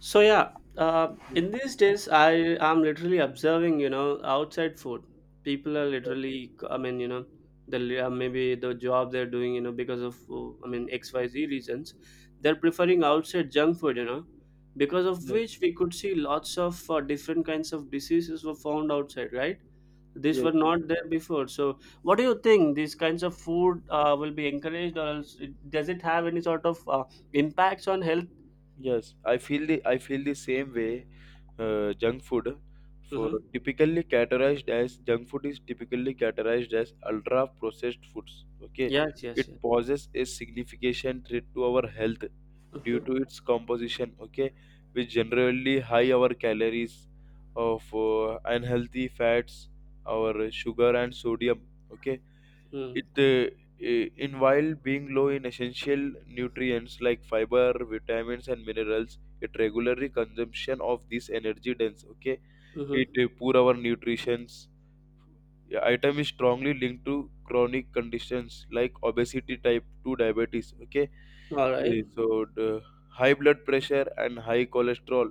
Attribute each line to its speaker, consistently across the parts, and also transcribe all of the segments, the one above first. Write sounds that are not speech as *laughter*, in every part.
Speaker 1: So yeah,
Speaker 2: Yes,
Speaker 1: in these days, I am literally observing, you know, outside food. People are
Speaker 2: yes,
Speaker 1: literally, maybe the job they're doing, you know, because of, X, Y, Z reasons, they're preferring outside junk food, you know, because of
Speaker 2: yes,
Speaker 1: which we could see lots of different kinds of diseases were found outside, right? These
Speaker 2: yes,
Speaker 1: were not there before. So, what do you think? These kinds of food will be encouraged, or else does it have any sort of impacts on health?
Speaker 2: yes. I feel the same way. Junk food, for
Speaker 1: Hmm.
Speaker 2: typically categorized as junk food is typically categorized as ultra processed foods. Okay,
Speaker 1: Yes, yes,
Speaker 2: it
Speaker 1: yes.
Speaker 2: poses a significant threat to our health due
Speaker 1: Mhm,
Speaker 2: to its composition. Okay, which generally high our calories of unhealthy fats, our sugar and sodium. Okay.
Speaker 1: mm,
Speaker 2: It in while being low in essential nutrients like fiber, vitamins, and minerals, it regularly consumption of this energy dense. Okay,
Speaker 1: mhm.
Speaker 2: it poor our nutritions. The item is strongly linked to chronic conditions like obesity, type 2 diabetes. Okay, Uh,
Speaker 1: Alright.
Speaker 2: so the high blood pressure and high cholesterol,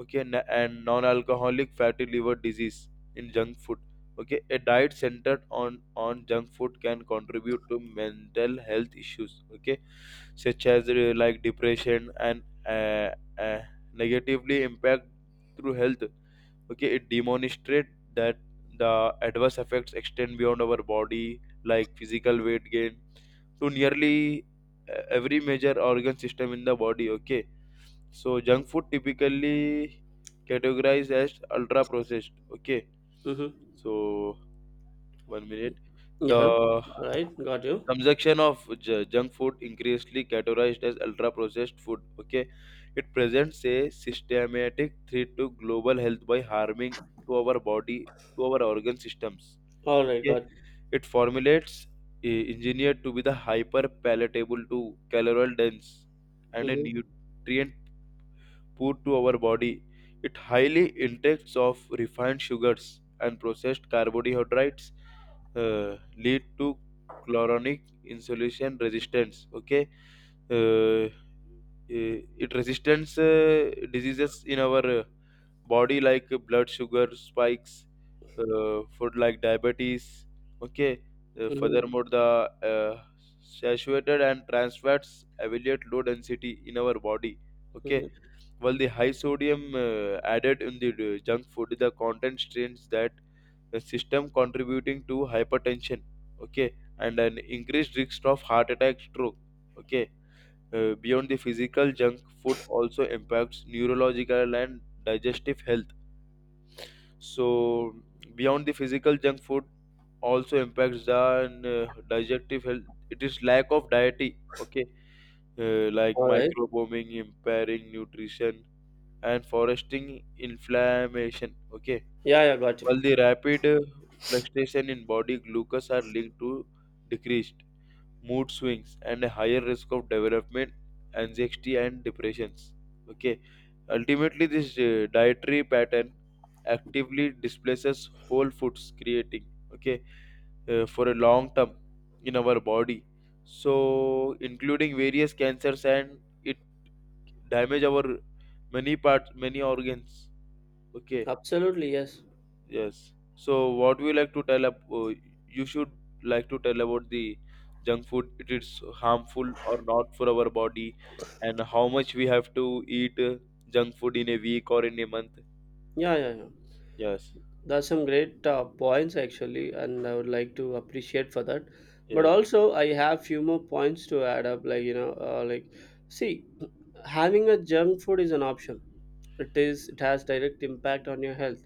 Speaker 2: okay, and non-alcoholic fatty liver disease in junk food. Okay, a diet centered on junk food can contribute to mental health issues, okay, such as like depression and uh, negatively impact through health. Okay, it demonstrates that the adverse effects extend beyond our body like physical weight gain to nearly every major organ system in the body. Okay, so junk food typically categorized as ultra processed. Okay,
Speaker 1: Mhm.
Speaker 2: so one
Speaker 1: Y
Speaker 2: minute. The
Speaker 1: Yeah. Alright, got you.
Speaker 2: consumption of junk food increasingly categorized as ultra processed food, okay, it presents a systematic threat to global health by harming to our body, to our organ systems.
Speaker 1: Alright,
Speaker 2: Okay,
Speaker 1: got.
Speaker 2: it formulates, engineered to be the hyper palatable, to caloric dense, and a
Speaker 1: Mhm,
Speaker 2: nutrient poor to our body. It highly intakes of refined sugars and processed carbohydrates lead to chloronic insulation resistance. Okay, uh, eh, it resistance diseases in our body like blood sugar spikes, food like diabetes. Okay.
Speaker 1: mhm,
Speaker 2: Furthermore, the uh, saturated and trans fats evaluate low density in our body, okay,
Speaker 1: mhm.
Speaker 2: while the high sodium added in the junk food, the content strains that the system contributing to hypertension, okay, and an increased risk of heart attack stroke. Okay, beyond the physical, junk food also impacts neurological and digestive health. So, beyond the physical, junk food also impacts the digestive health. It is lack of diety, okay, like
Speaker 1: Alright.
Speaker 2: microbombing, impairing nutrition, and foresting inflammation, okay.
Speaker 1: Yeah, yeah, got you.
Speaker 2: While the rapid fluctuation in body glucose are linked to decreased mood swings, and a higher risk of development anxiety and depressions. Okay, ultimately, this dietary pattern actively displaces whole foods, creating, okay, for a long term in our body. So, including various cancers and it damage our many parts, many organs. Okay.
Speaker 1: Absolutely, yes.
Speaker 2: Yes. So, what we like to tell up, you should like to tell about the junk food. It is harmful or not for our body, and how much we have to eat junk food in a week or in a month.
Speaker 1: Yeah, yeah, yeah.
Speaker 2: Yes.
Speaker 1: That's some great points actually, and I would like to appreciate for that. But
Speaker 2: Yes.
Speaker 1: also, I have few more points to add up. Like see, having a junk food is an option. It is. It has direct impact on your health,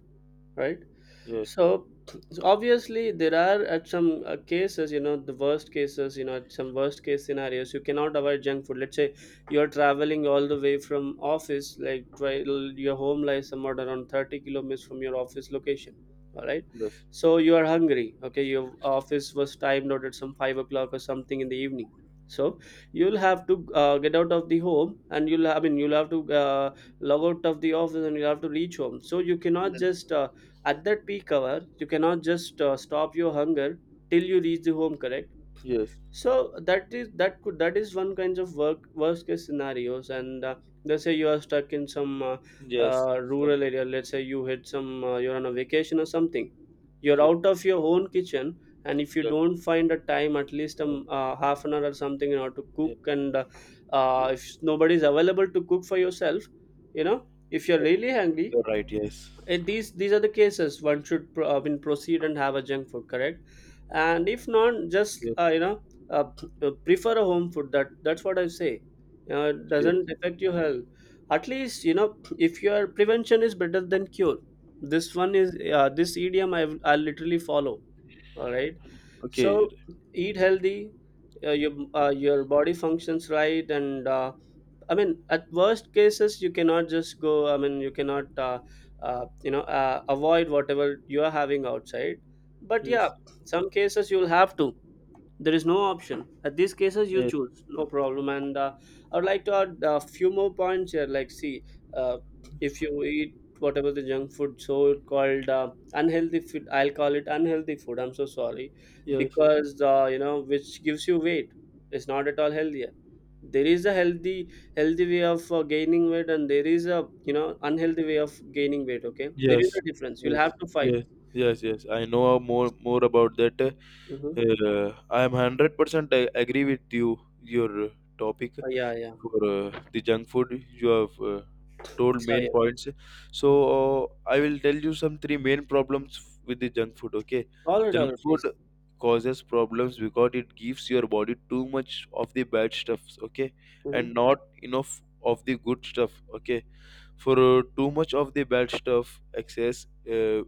Speaker 1: right?
Speaker 2: Yes.
Speaker 1: So so obviously there are at some cases, you know, the worst cases, you know, at some worst case scenarios, you cannot avoid junk food. Let's say you're traveling all the way from office, your home lies somewhere around 30 kilometers from your office location. All right.
Speaker 2: Yes.
Speaker 1: So you are hungry. Okay. Your office was timed out at some 5 o'clock or something in the evening. So you'll have to get out of the home and you'll have to log out of the office and you'll have to reach home. So you cannot
Speaker 2: Yes.
Speaker 1: just at that peak hour you cannot just stop your hunger till you reach the home, correct?
Speaker 2: Yes.
Speaker 1: So that is one kinds of work worst case scenarios, and let's say you are stuck in some
Speaker 2: Yes. Some.
Speaker 1: rural area. Let's say you hit some you're on a vacation or something, you're
Speaker 2: Yeah.
Speaker 1: out of your own kitchen, and if you
Speaker 2: Yes.
Speaker 1: don't find a time at least
Speaker 2: And.
Speaker 1: half an hour or something in order to
Speaker 2: Yeah.
Speaker 1: cook, and
Speaker 2: Yeah.
Speaker 1: if nobody is available to cook for yourself, you know, if you're really hungry,
Speaker 2: You're right. Yes.
Speaker 1: these are the cases one should pro- when proceed and have a junk food, correct? And if not just
Speaker 2: Yes.
Speaker 1: prefer a home food. That that's what I say, you know, it
Speaker 2: Yes.
Speaker 1: doesn't affect your health. At least you know if your prevention is better than cure. This one is this idiom I literally follow. All right.
Speaker 2: Okay.
Speaker 1: So eat healthy, your body functions right, and I mean, at worst cases, you cannot just go. I mean, you cannot, you know, avoid whatever you are having outside. But yeah,
Speaker 2: Yes.
Speaker 1: some cases you'll have to, there is no option. At these cases you
Speaker 2: Yes.
Speaker 1: choose no problem, and I would like to add a few more points here. Like see, uh, if you eat whatever the junk food, so it called unhealthy food. I'll call it unhealthy food, I'm so sorry,
Speaker 2: Yes.
Speaker 1: because you know, which gives you weight, it's not at all healthier. There is a healthy way of gaining weight, and there is a, you know, unhealthy way of gaining weight. Okay, there is
Speaker 2: Yes,
Speaker 1: a difference you'll
Speaker 2: yes,
Speaker 1: have to find.
Speaker 2: yes, yes, yes. I know more about that.
Speaker 1: Mm-hmm.
Speaker 2: I am 100% agree with you. Your topic
Speaker 1: Yeah, yeah.
Speaker 2: for the junk food you have told
Speaker 1: So
Speaker 2: main
Speaker 1: yeah.
Speaker 2: points. So I will tell you some three main problems with the junk food. Okay,
Speaker 1: All right, all
Speaker 2: junk
Speaker 1: right, please.
Speaker 2: food causes problems because it gives your body too much of the bad stuffs. Okay,
Speaker 1: Mhm.
Speaker 2: and not enough of the good stuff. Okay, for too much of the bad stuff excess,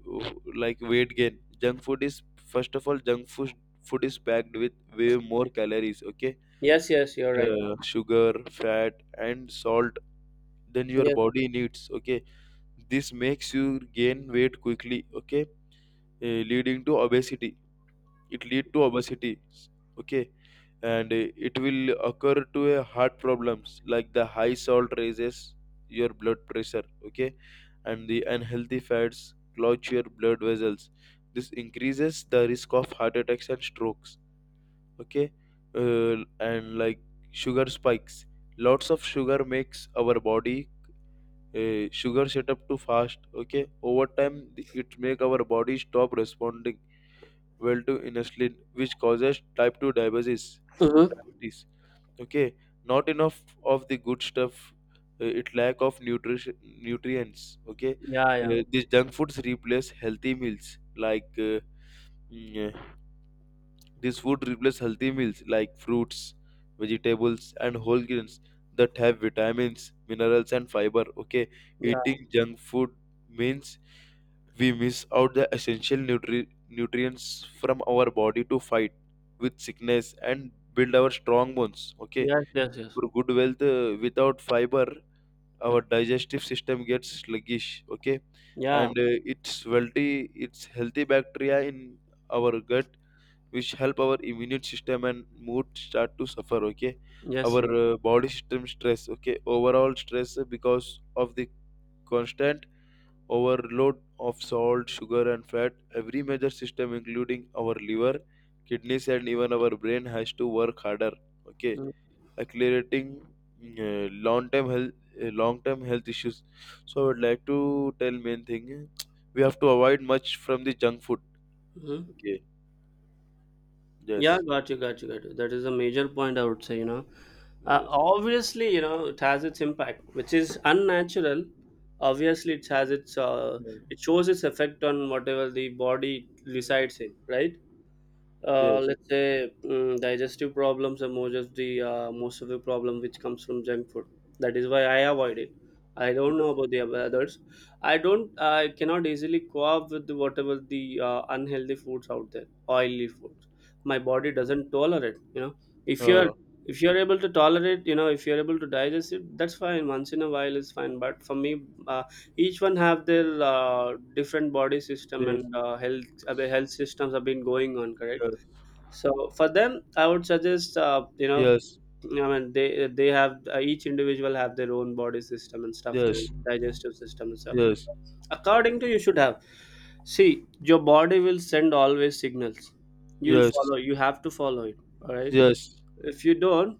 Speaker 2: like weight gain junk food is first of all junk food is packed with way more calories, okay,
Speaker 1: Yes, yes, you're right.
Speaker 2: sugar fat and salt, than your
Speaker 1: Yes.
Speaker 2: body needs. Okay, this makes you gain weight quickly, okay, leading to obesity, it lead to obesity. Okay, and it will occur to a heart problems like the high salt raises your blood pressure, okay, and the unhealthy fats clog your blood vessels. This increases the risk of heart attacks and strokes. Okay, uh, and like sugar spikes. Lots of sugar makes our body sugar set up too fast. Okay, over time it make our body stop responding well to insulin, which causes type 2 diabetes.
Speaker 1: Mm-hmm.
Speaker 2: Diabetes, okay, not enough of the good stuff, it lack of nutrition nutrients. Okay,
Speaker 1: Yeah, yeah,
Speaker 2: these junk foods replace healthy meals like mm, uh, this food replace healthy meals like fruits, vegetables and whole grains that have vitamins minerals and fiber. Okay,
Speaker 1: yeah.
Speaker 2: eating junk food means we miss out the essential nutrients from our body to fight with sickness and build our strong bones. Okay,
Speaker 1: Yes, yes, yes.
Speaker 2: for good wealth, without fiber our digestive system gets sluggish, okay,
Speaker 1: Yeah,
Speaker 2: and it's wealthy. It's healthy bacteria in our gut which help our immune system and mood start to suffer. Okay,
Speaker 1: yes,
Speaker 2: our
Speaker 1: yes.
Speaker 2: body system stress. Okay, overall stress because of the constant overload of salt sugar and fat, every major system including our liver, kidneys, and even our brain has to work harder, okay, accelerating uh, long term health long term health issues. So I would like to tell main thing, we have to avoid much from the junk food.
Speaker 1: Mm-hmm.
Speaker 2: Okay.
Speaker 1: Yeah,
Speaker 2: Yes.
Speaker 1: got you, got you, got you. That is a major point, I would say. You know,
Speaker 2: Yes.
Speaker 1: obviously, you know, it has its impact, which is unnatural. Obviously, it has its. It shows its effect on whatever the body
Speaker 2: Yes.
Speaker 1: resides in, right?
Speaker 2: Yes.
Speaker 1: Let's
Speaker 2: Yes.
Speaker 1: say digestive problems are more just the most of the problem which comes from junk food. That is why I avoid it. I don't know about the others. I cannot easily co-op with whatever the unhealthy foods out there, oily foods. My body doesn't tolerate, you know. if you're
Speaker 2: uh,
Speaker 1: if you're able to tolerate, you know, if you're able to digest it, that's fine. Once in a while is fine, but for me, uh, each one have their different body system,
Speaker 2: yes.
Speaker 1: and health systems have been going on, correct? So for them I would suggest,
Speaker 2: Yes.
Speaker 1: I mean, they have each individual have their own body system and stuff, like
Speaker 2: Yes.
Speaker 1: digestive system and stuff.
Speaker 2: Yes.
Speaker 1: According to, you should have, see your body will send always signals. You'll
Speaker 2: Yes.
Speaker 1: follow, you have to follow it, all right?
Speaker 2: Yes.
Speaker 1: If you don't,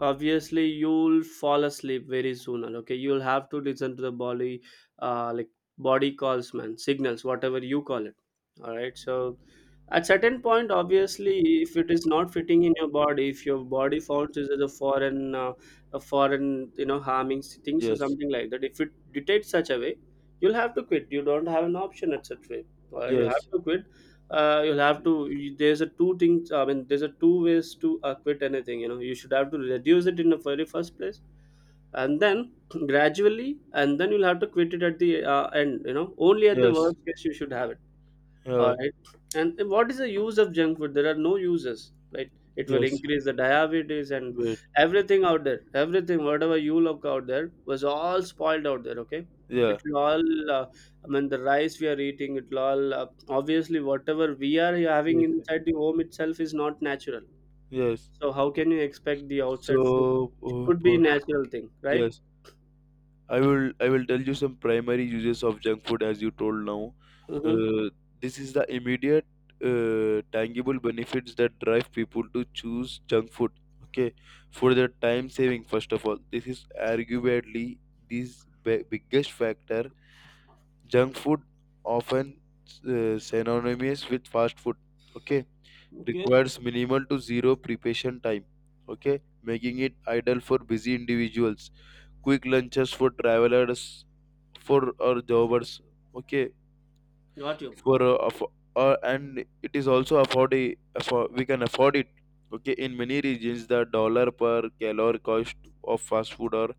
Speaker 1: obviously you'll fall asleep very soon. And okay, you'll have to listen to the body, like body calls, man, signals, whatever you call it. All right, so at certain point, obviously, if it is not fitting in your body, if your body found this as a foreign a foreign, you know, harming thing, so
Speaker 2: Yes.
Speaker 1: something like that, if it detects such a way, you'll have to quit. You don't have an option at such way. You have
Speaker 2: Yes.
Speaker 1: to quit. You'll have to you- There's a two things. I mean, there's a two ways to quit anything, you know. You should have to reduce it in the very first place, and then *clears throat* gradually, and then you'll have to quit it at the end. You know, only at the
Speaker 2: Yes.
Speaker 1: worst case you should have it.
Speaker 2: uh,
Speaker 1: All right. And what is the use of junk food? There are no uses, right? It will
Speaker 2: yes.
Speaker 1: increase the diabetes and
Speaker 2: Wait.
Speaker 1: everything out there. Everything, whatever you look out there, was all spoiled out there. Okay,
Speaker 2: Yeah.
Speaker 1: it will all. Uh, I mean, the rice we are eating, it will all. Obviously, whatever we are having
Speaker 2: Yes.
Speaker 1: inside the home itself is not natural.
Speaker 2: Yes.
Speaker 1: So how can you expect the outside food
Speaker 2: So
Speaker 1: could be
Speaker 2: uh,
Speaker 1: natural thing, right?
Speaker 2: yes, I will tell you some primary uses of junk food as you told now.
Speaker 1: Mm-hmm.
Speaker 2: Uh, this is the immediate tangible benefits that drive people to choose junk food. Okay, for their time saving first of all, this is arguably this biggest factor. Junk food often synonymous with fast food. Okay,
Speaker 1: Okay.
Speaker 2: requires minimal to zero preparation time. Okay, making it ideal for busy individuals, quick lunches for travelers, for our jobbers. Okay,
Speaker 1: Got you.
Speaker 2: for and it is also afford we can afford it. Okay, in many regions, the dollar per calorie cost of fast food or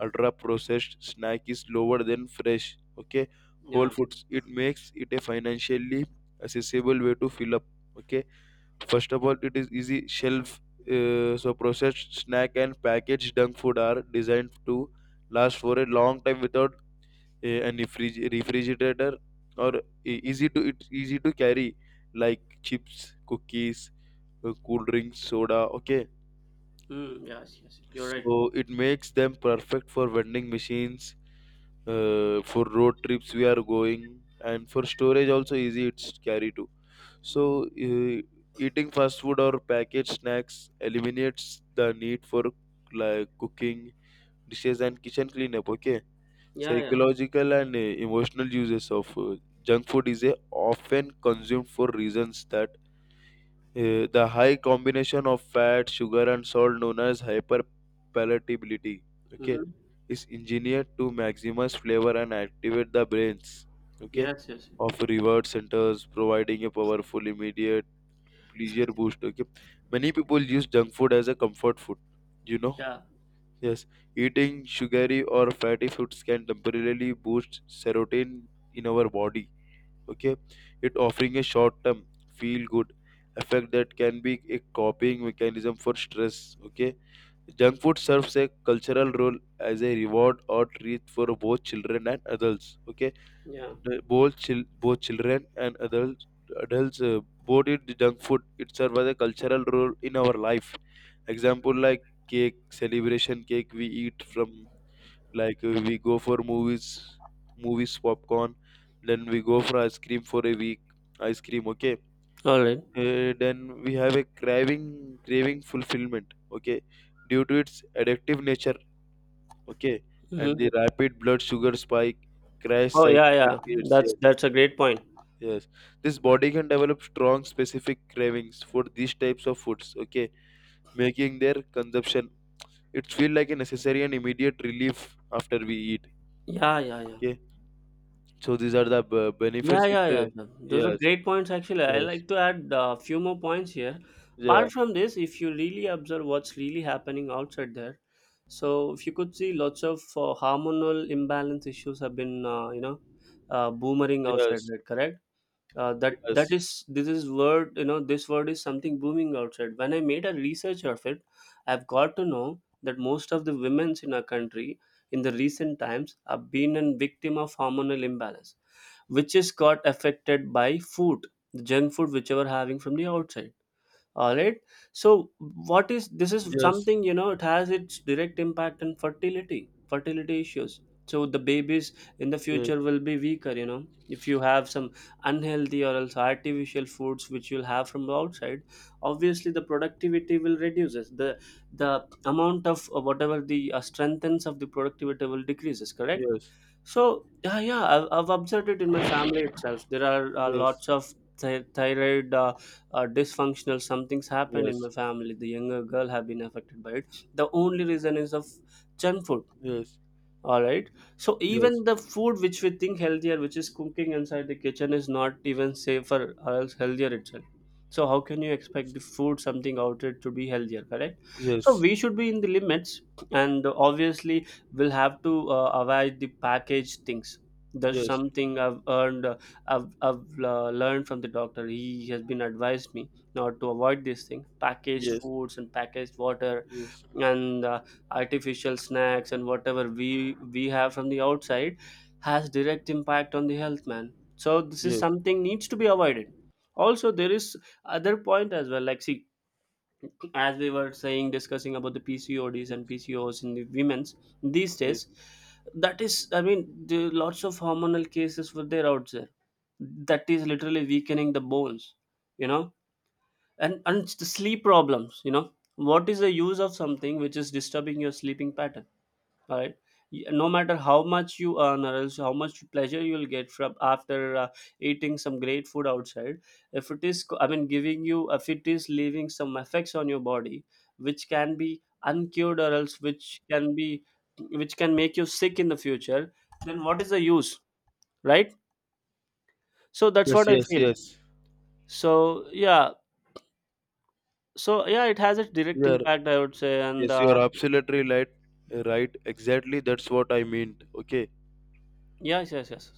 Speaker 2: ultra processed snack is lower than fresh. Okay, whole
Speaker 1: Yeah.
Speaker 2: foods. It makes it a financially accessible way to fill up. Okay. First of all, it is easy shelf. So processed snack and packaged junk food are designed to last for a long time without any fridge, refrigerator, or e- easy to it's easy to carry like chips, cookies, cool drinks, soda. Okay,
Speaker 1: Mm, yes. Yes, yes, you're right.
Speaker 2: so it makes them perfect for vending machines, for road trips we are going, and for storage also easy it's carry too. So, eating fast food or packaged snacks eliminates the need for like cooking dishes and kitchen cleanup. Okay,
Speaker 1: Yeah. Yeah.
Speaker 2: psychological and emotional uses of junk food is often consumed for reasons that the high combination of fat, sugar, and salt, known as hyperpalatability, okay,
Speaker 1: Mm-hmm.
Speaker 2: is engineered to maximize flavor and activate the brains. Okay,
Speaker 1: Yes, yes, yes.
Speaker 2: of reward centers providing a powerful immediate pleasure boost. Okay, many people use junk food as a comfort food you know
Speaker 1: Yeah.
Speaker 2: yes, eating sugary or fatty foods can temporarily boost serotonin in our body, okay, it offering a short term feel good effect that can be a coping mechanism for stress. Okay, junk food serves a cultural role as a reward or treat for both children and adults. Okay,
Speaker 1: Yeah.
Speaker 2: the both children and adults boarded the junk food. It serves as a cultural role in our life. Example like cake, celebration cake we eat from, like, we go for movies, movies popcorn, then we go for ice cream for a week, ice cream. Okay,
Speaker 1: All right.
Speaker 2: then we have a craving fulfillment. Okay, due to its addictive nature, okay, and
Speaker 1: Mm-hmm.
Speaker 2: the rapid blood sugar spike crash
Speaker 1: Oh yeah,
Speaker 2: cycle it
Speaker 1: yeah.
Speaker 2: creates.
Speaker 1: That's a great point.
Speaker 2: Yes, this body can develop strong specific cravings for these types of foods, okay, making their consumption it feel like a necessary and immediate relief after we eat,
Speaker 1: Yeah, yeah, yeah.
Speaker 2: okay. So these are the benefits.
Speaker 1: Yeah,
Speaker 2: It
Speaker 1: yeah, yeah, yeah. Those are
Speaker 2: yes,
Speaker 1: great points actually. I
Speaker 2: yes,
Speaker 1: like to add a few more points here.
Speaker 2: yeah,
Speaker 1: Apart from this, if you really observe what's really happening outside there, so if you could see lots of hormonal imbalance issues have been boomerang outside
Speaker 2: yes,
Speaker 1: there, correct? That that
Speaker 2: yes,
Speaker 1: is This is word, you know, this word is something booming outside. When I made a research of it, I've got to know that most of the women's in our country in the recent times have been a victim of hormonal imbalance, which is got affected by food, the junk food which you are having from the outside, all right? So what is this? Is
Speaker 2: yes,
Speaker 1: something, you know, it has its direct impact on fertility, fertility issues. So the babies in the
Speaker 2: yes,
Speaker 1: future will be weaker, you know, if you have some unhealthy or else artificial foods which you'll have from outside. Obviously the productivity will reduces, the amount of whatever the strengthens of the productivity will decreases, correct?
Speaker 2: yes,
Speaker 1: So yeah, yeah, I've observed it in my family itself. There are
Speaker 2: yes, yes,
Speaker 1: lots of thyroid dysfunctional something's happened in my
Speaker 2: yes,
Speaker 1: family. The younger girl have been affected by it. The only reason is of junk food,
Speaker 2: yes,
Speaker 1: all right? So
Speaker 2: yes, yes, yes,
Speaker 1: even the
Speaker 2: yes,
Speaker 1: food which we think healthier, which is cooking inside the kitchen, is not even safer or else healthier itself. So how can you expect the food something out it to be healthier, correct? So
Speaker 2: yes,
Speaker 1: we should be in the limits, and obviously we'll have to avoid the packaged things. That's
Speaker 2: yes, yes,
Speaker 1: something I've learned from the doctor. He has been advised me not to avoid this thing, packaged foods and packaged water, and artificial snacks and whatever we have from the outside has direct impact on the health, man. So this is
Speaker 2: yes,
Speaker 1: something needs to be avoided. Also there is other point as well, like see, as we were saying discussing about the PCODs and PCOS in the women's these days, that is, I mean, the lots of hormonal cases were there out there. That is literally weakening the bones, you know, and it's the sleep problems, you know. What is the use of something which is disturbing your sleeping pattern? All right. No matter how much you earn or else how much pleasure you'll get from after eating some great food outside, if it is I mean, giving you, if it is leaving some effects on your body which can be uncured or else which can be, which can make you sick in the future, then what is the use, right? So that's
Speaker 2: yes,
Speaker 1: what I
Speaker 2: yes,
Speaker 1: feel.
Speaker 2: yes.
Speaker 1: So yeah. So yeah, it has a direct
Speaker 2: Yeah.
Speaker 1: impact, I would say, and
Speaker 2: Yes, you're absolutely right. Right, exactly. That's what I meant. Okay,
Speaker 1: yes, yes, yes.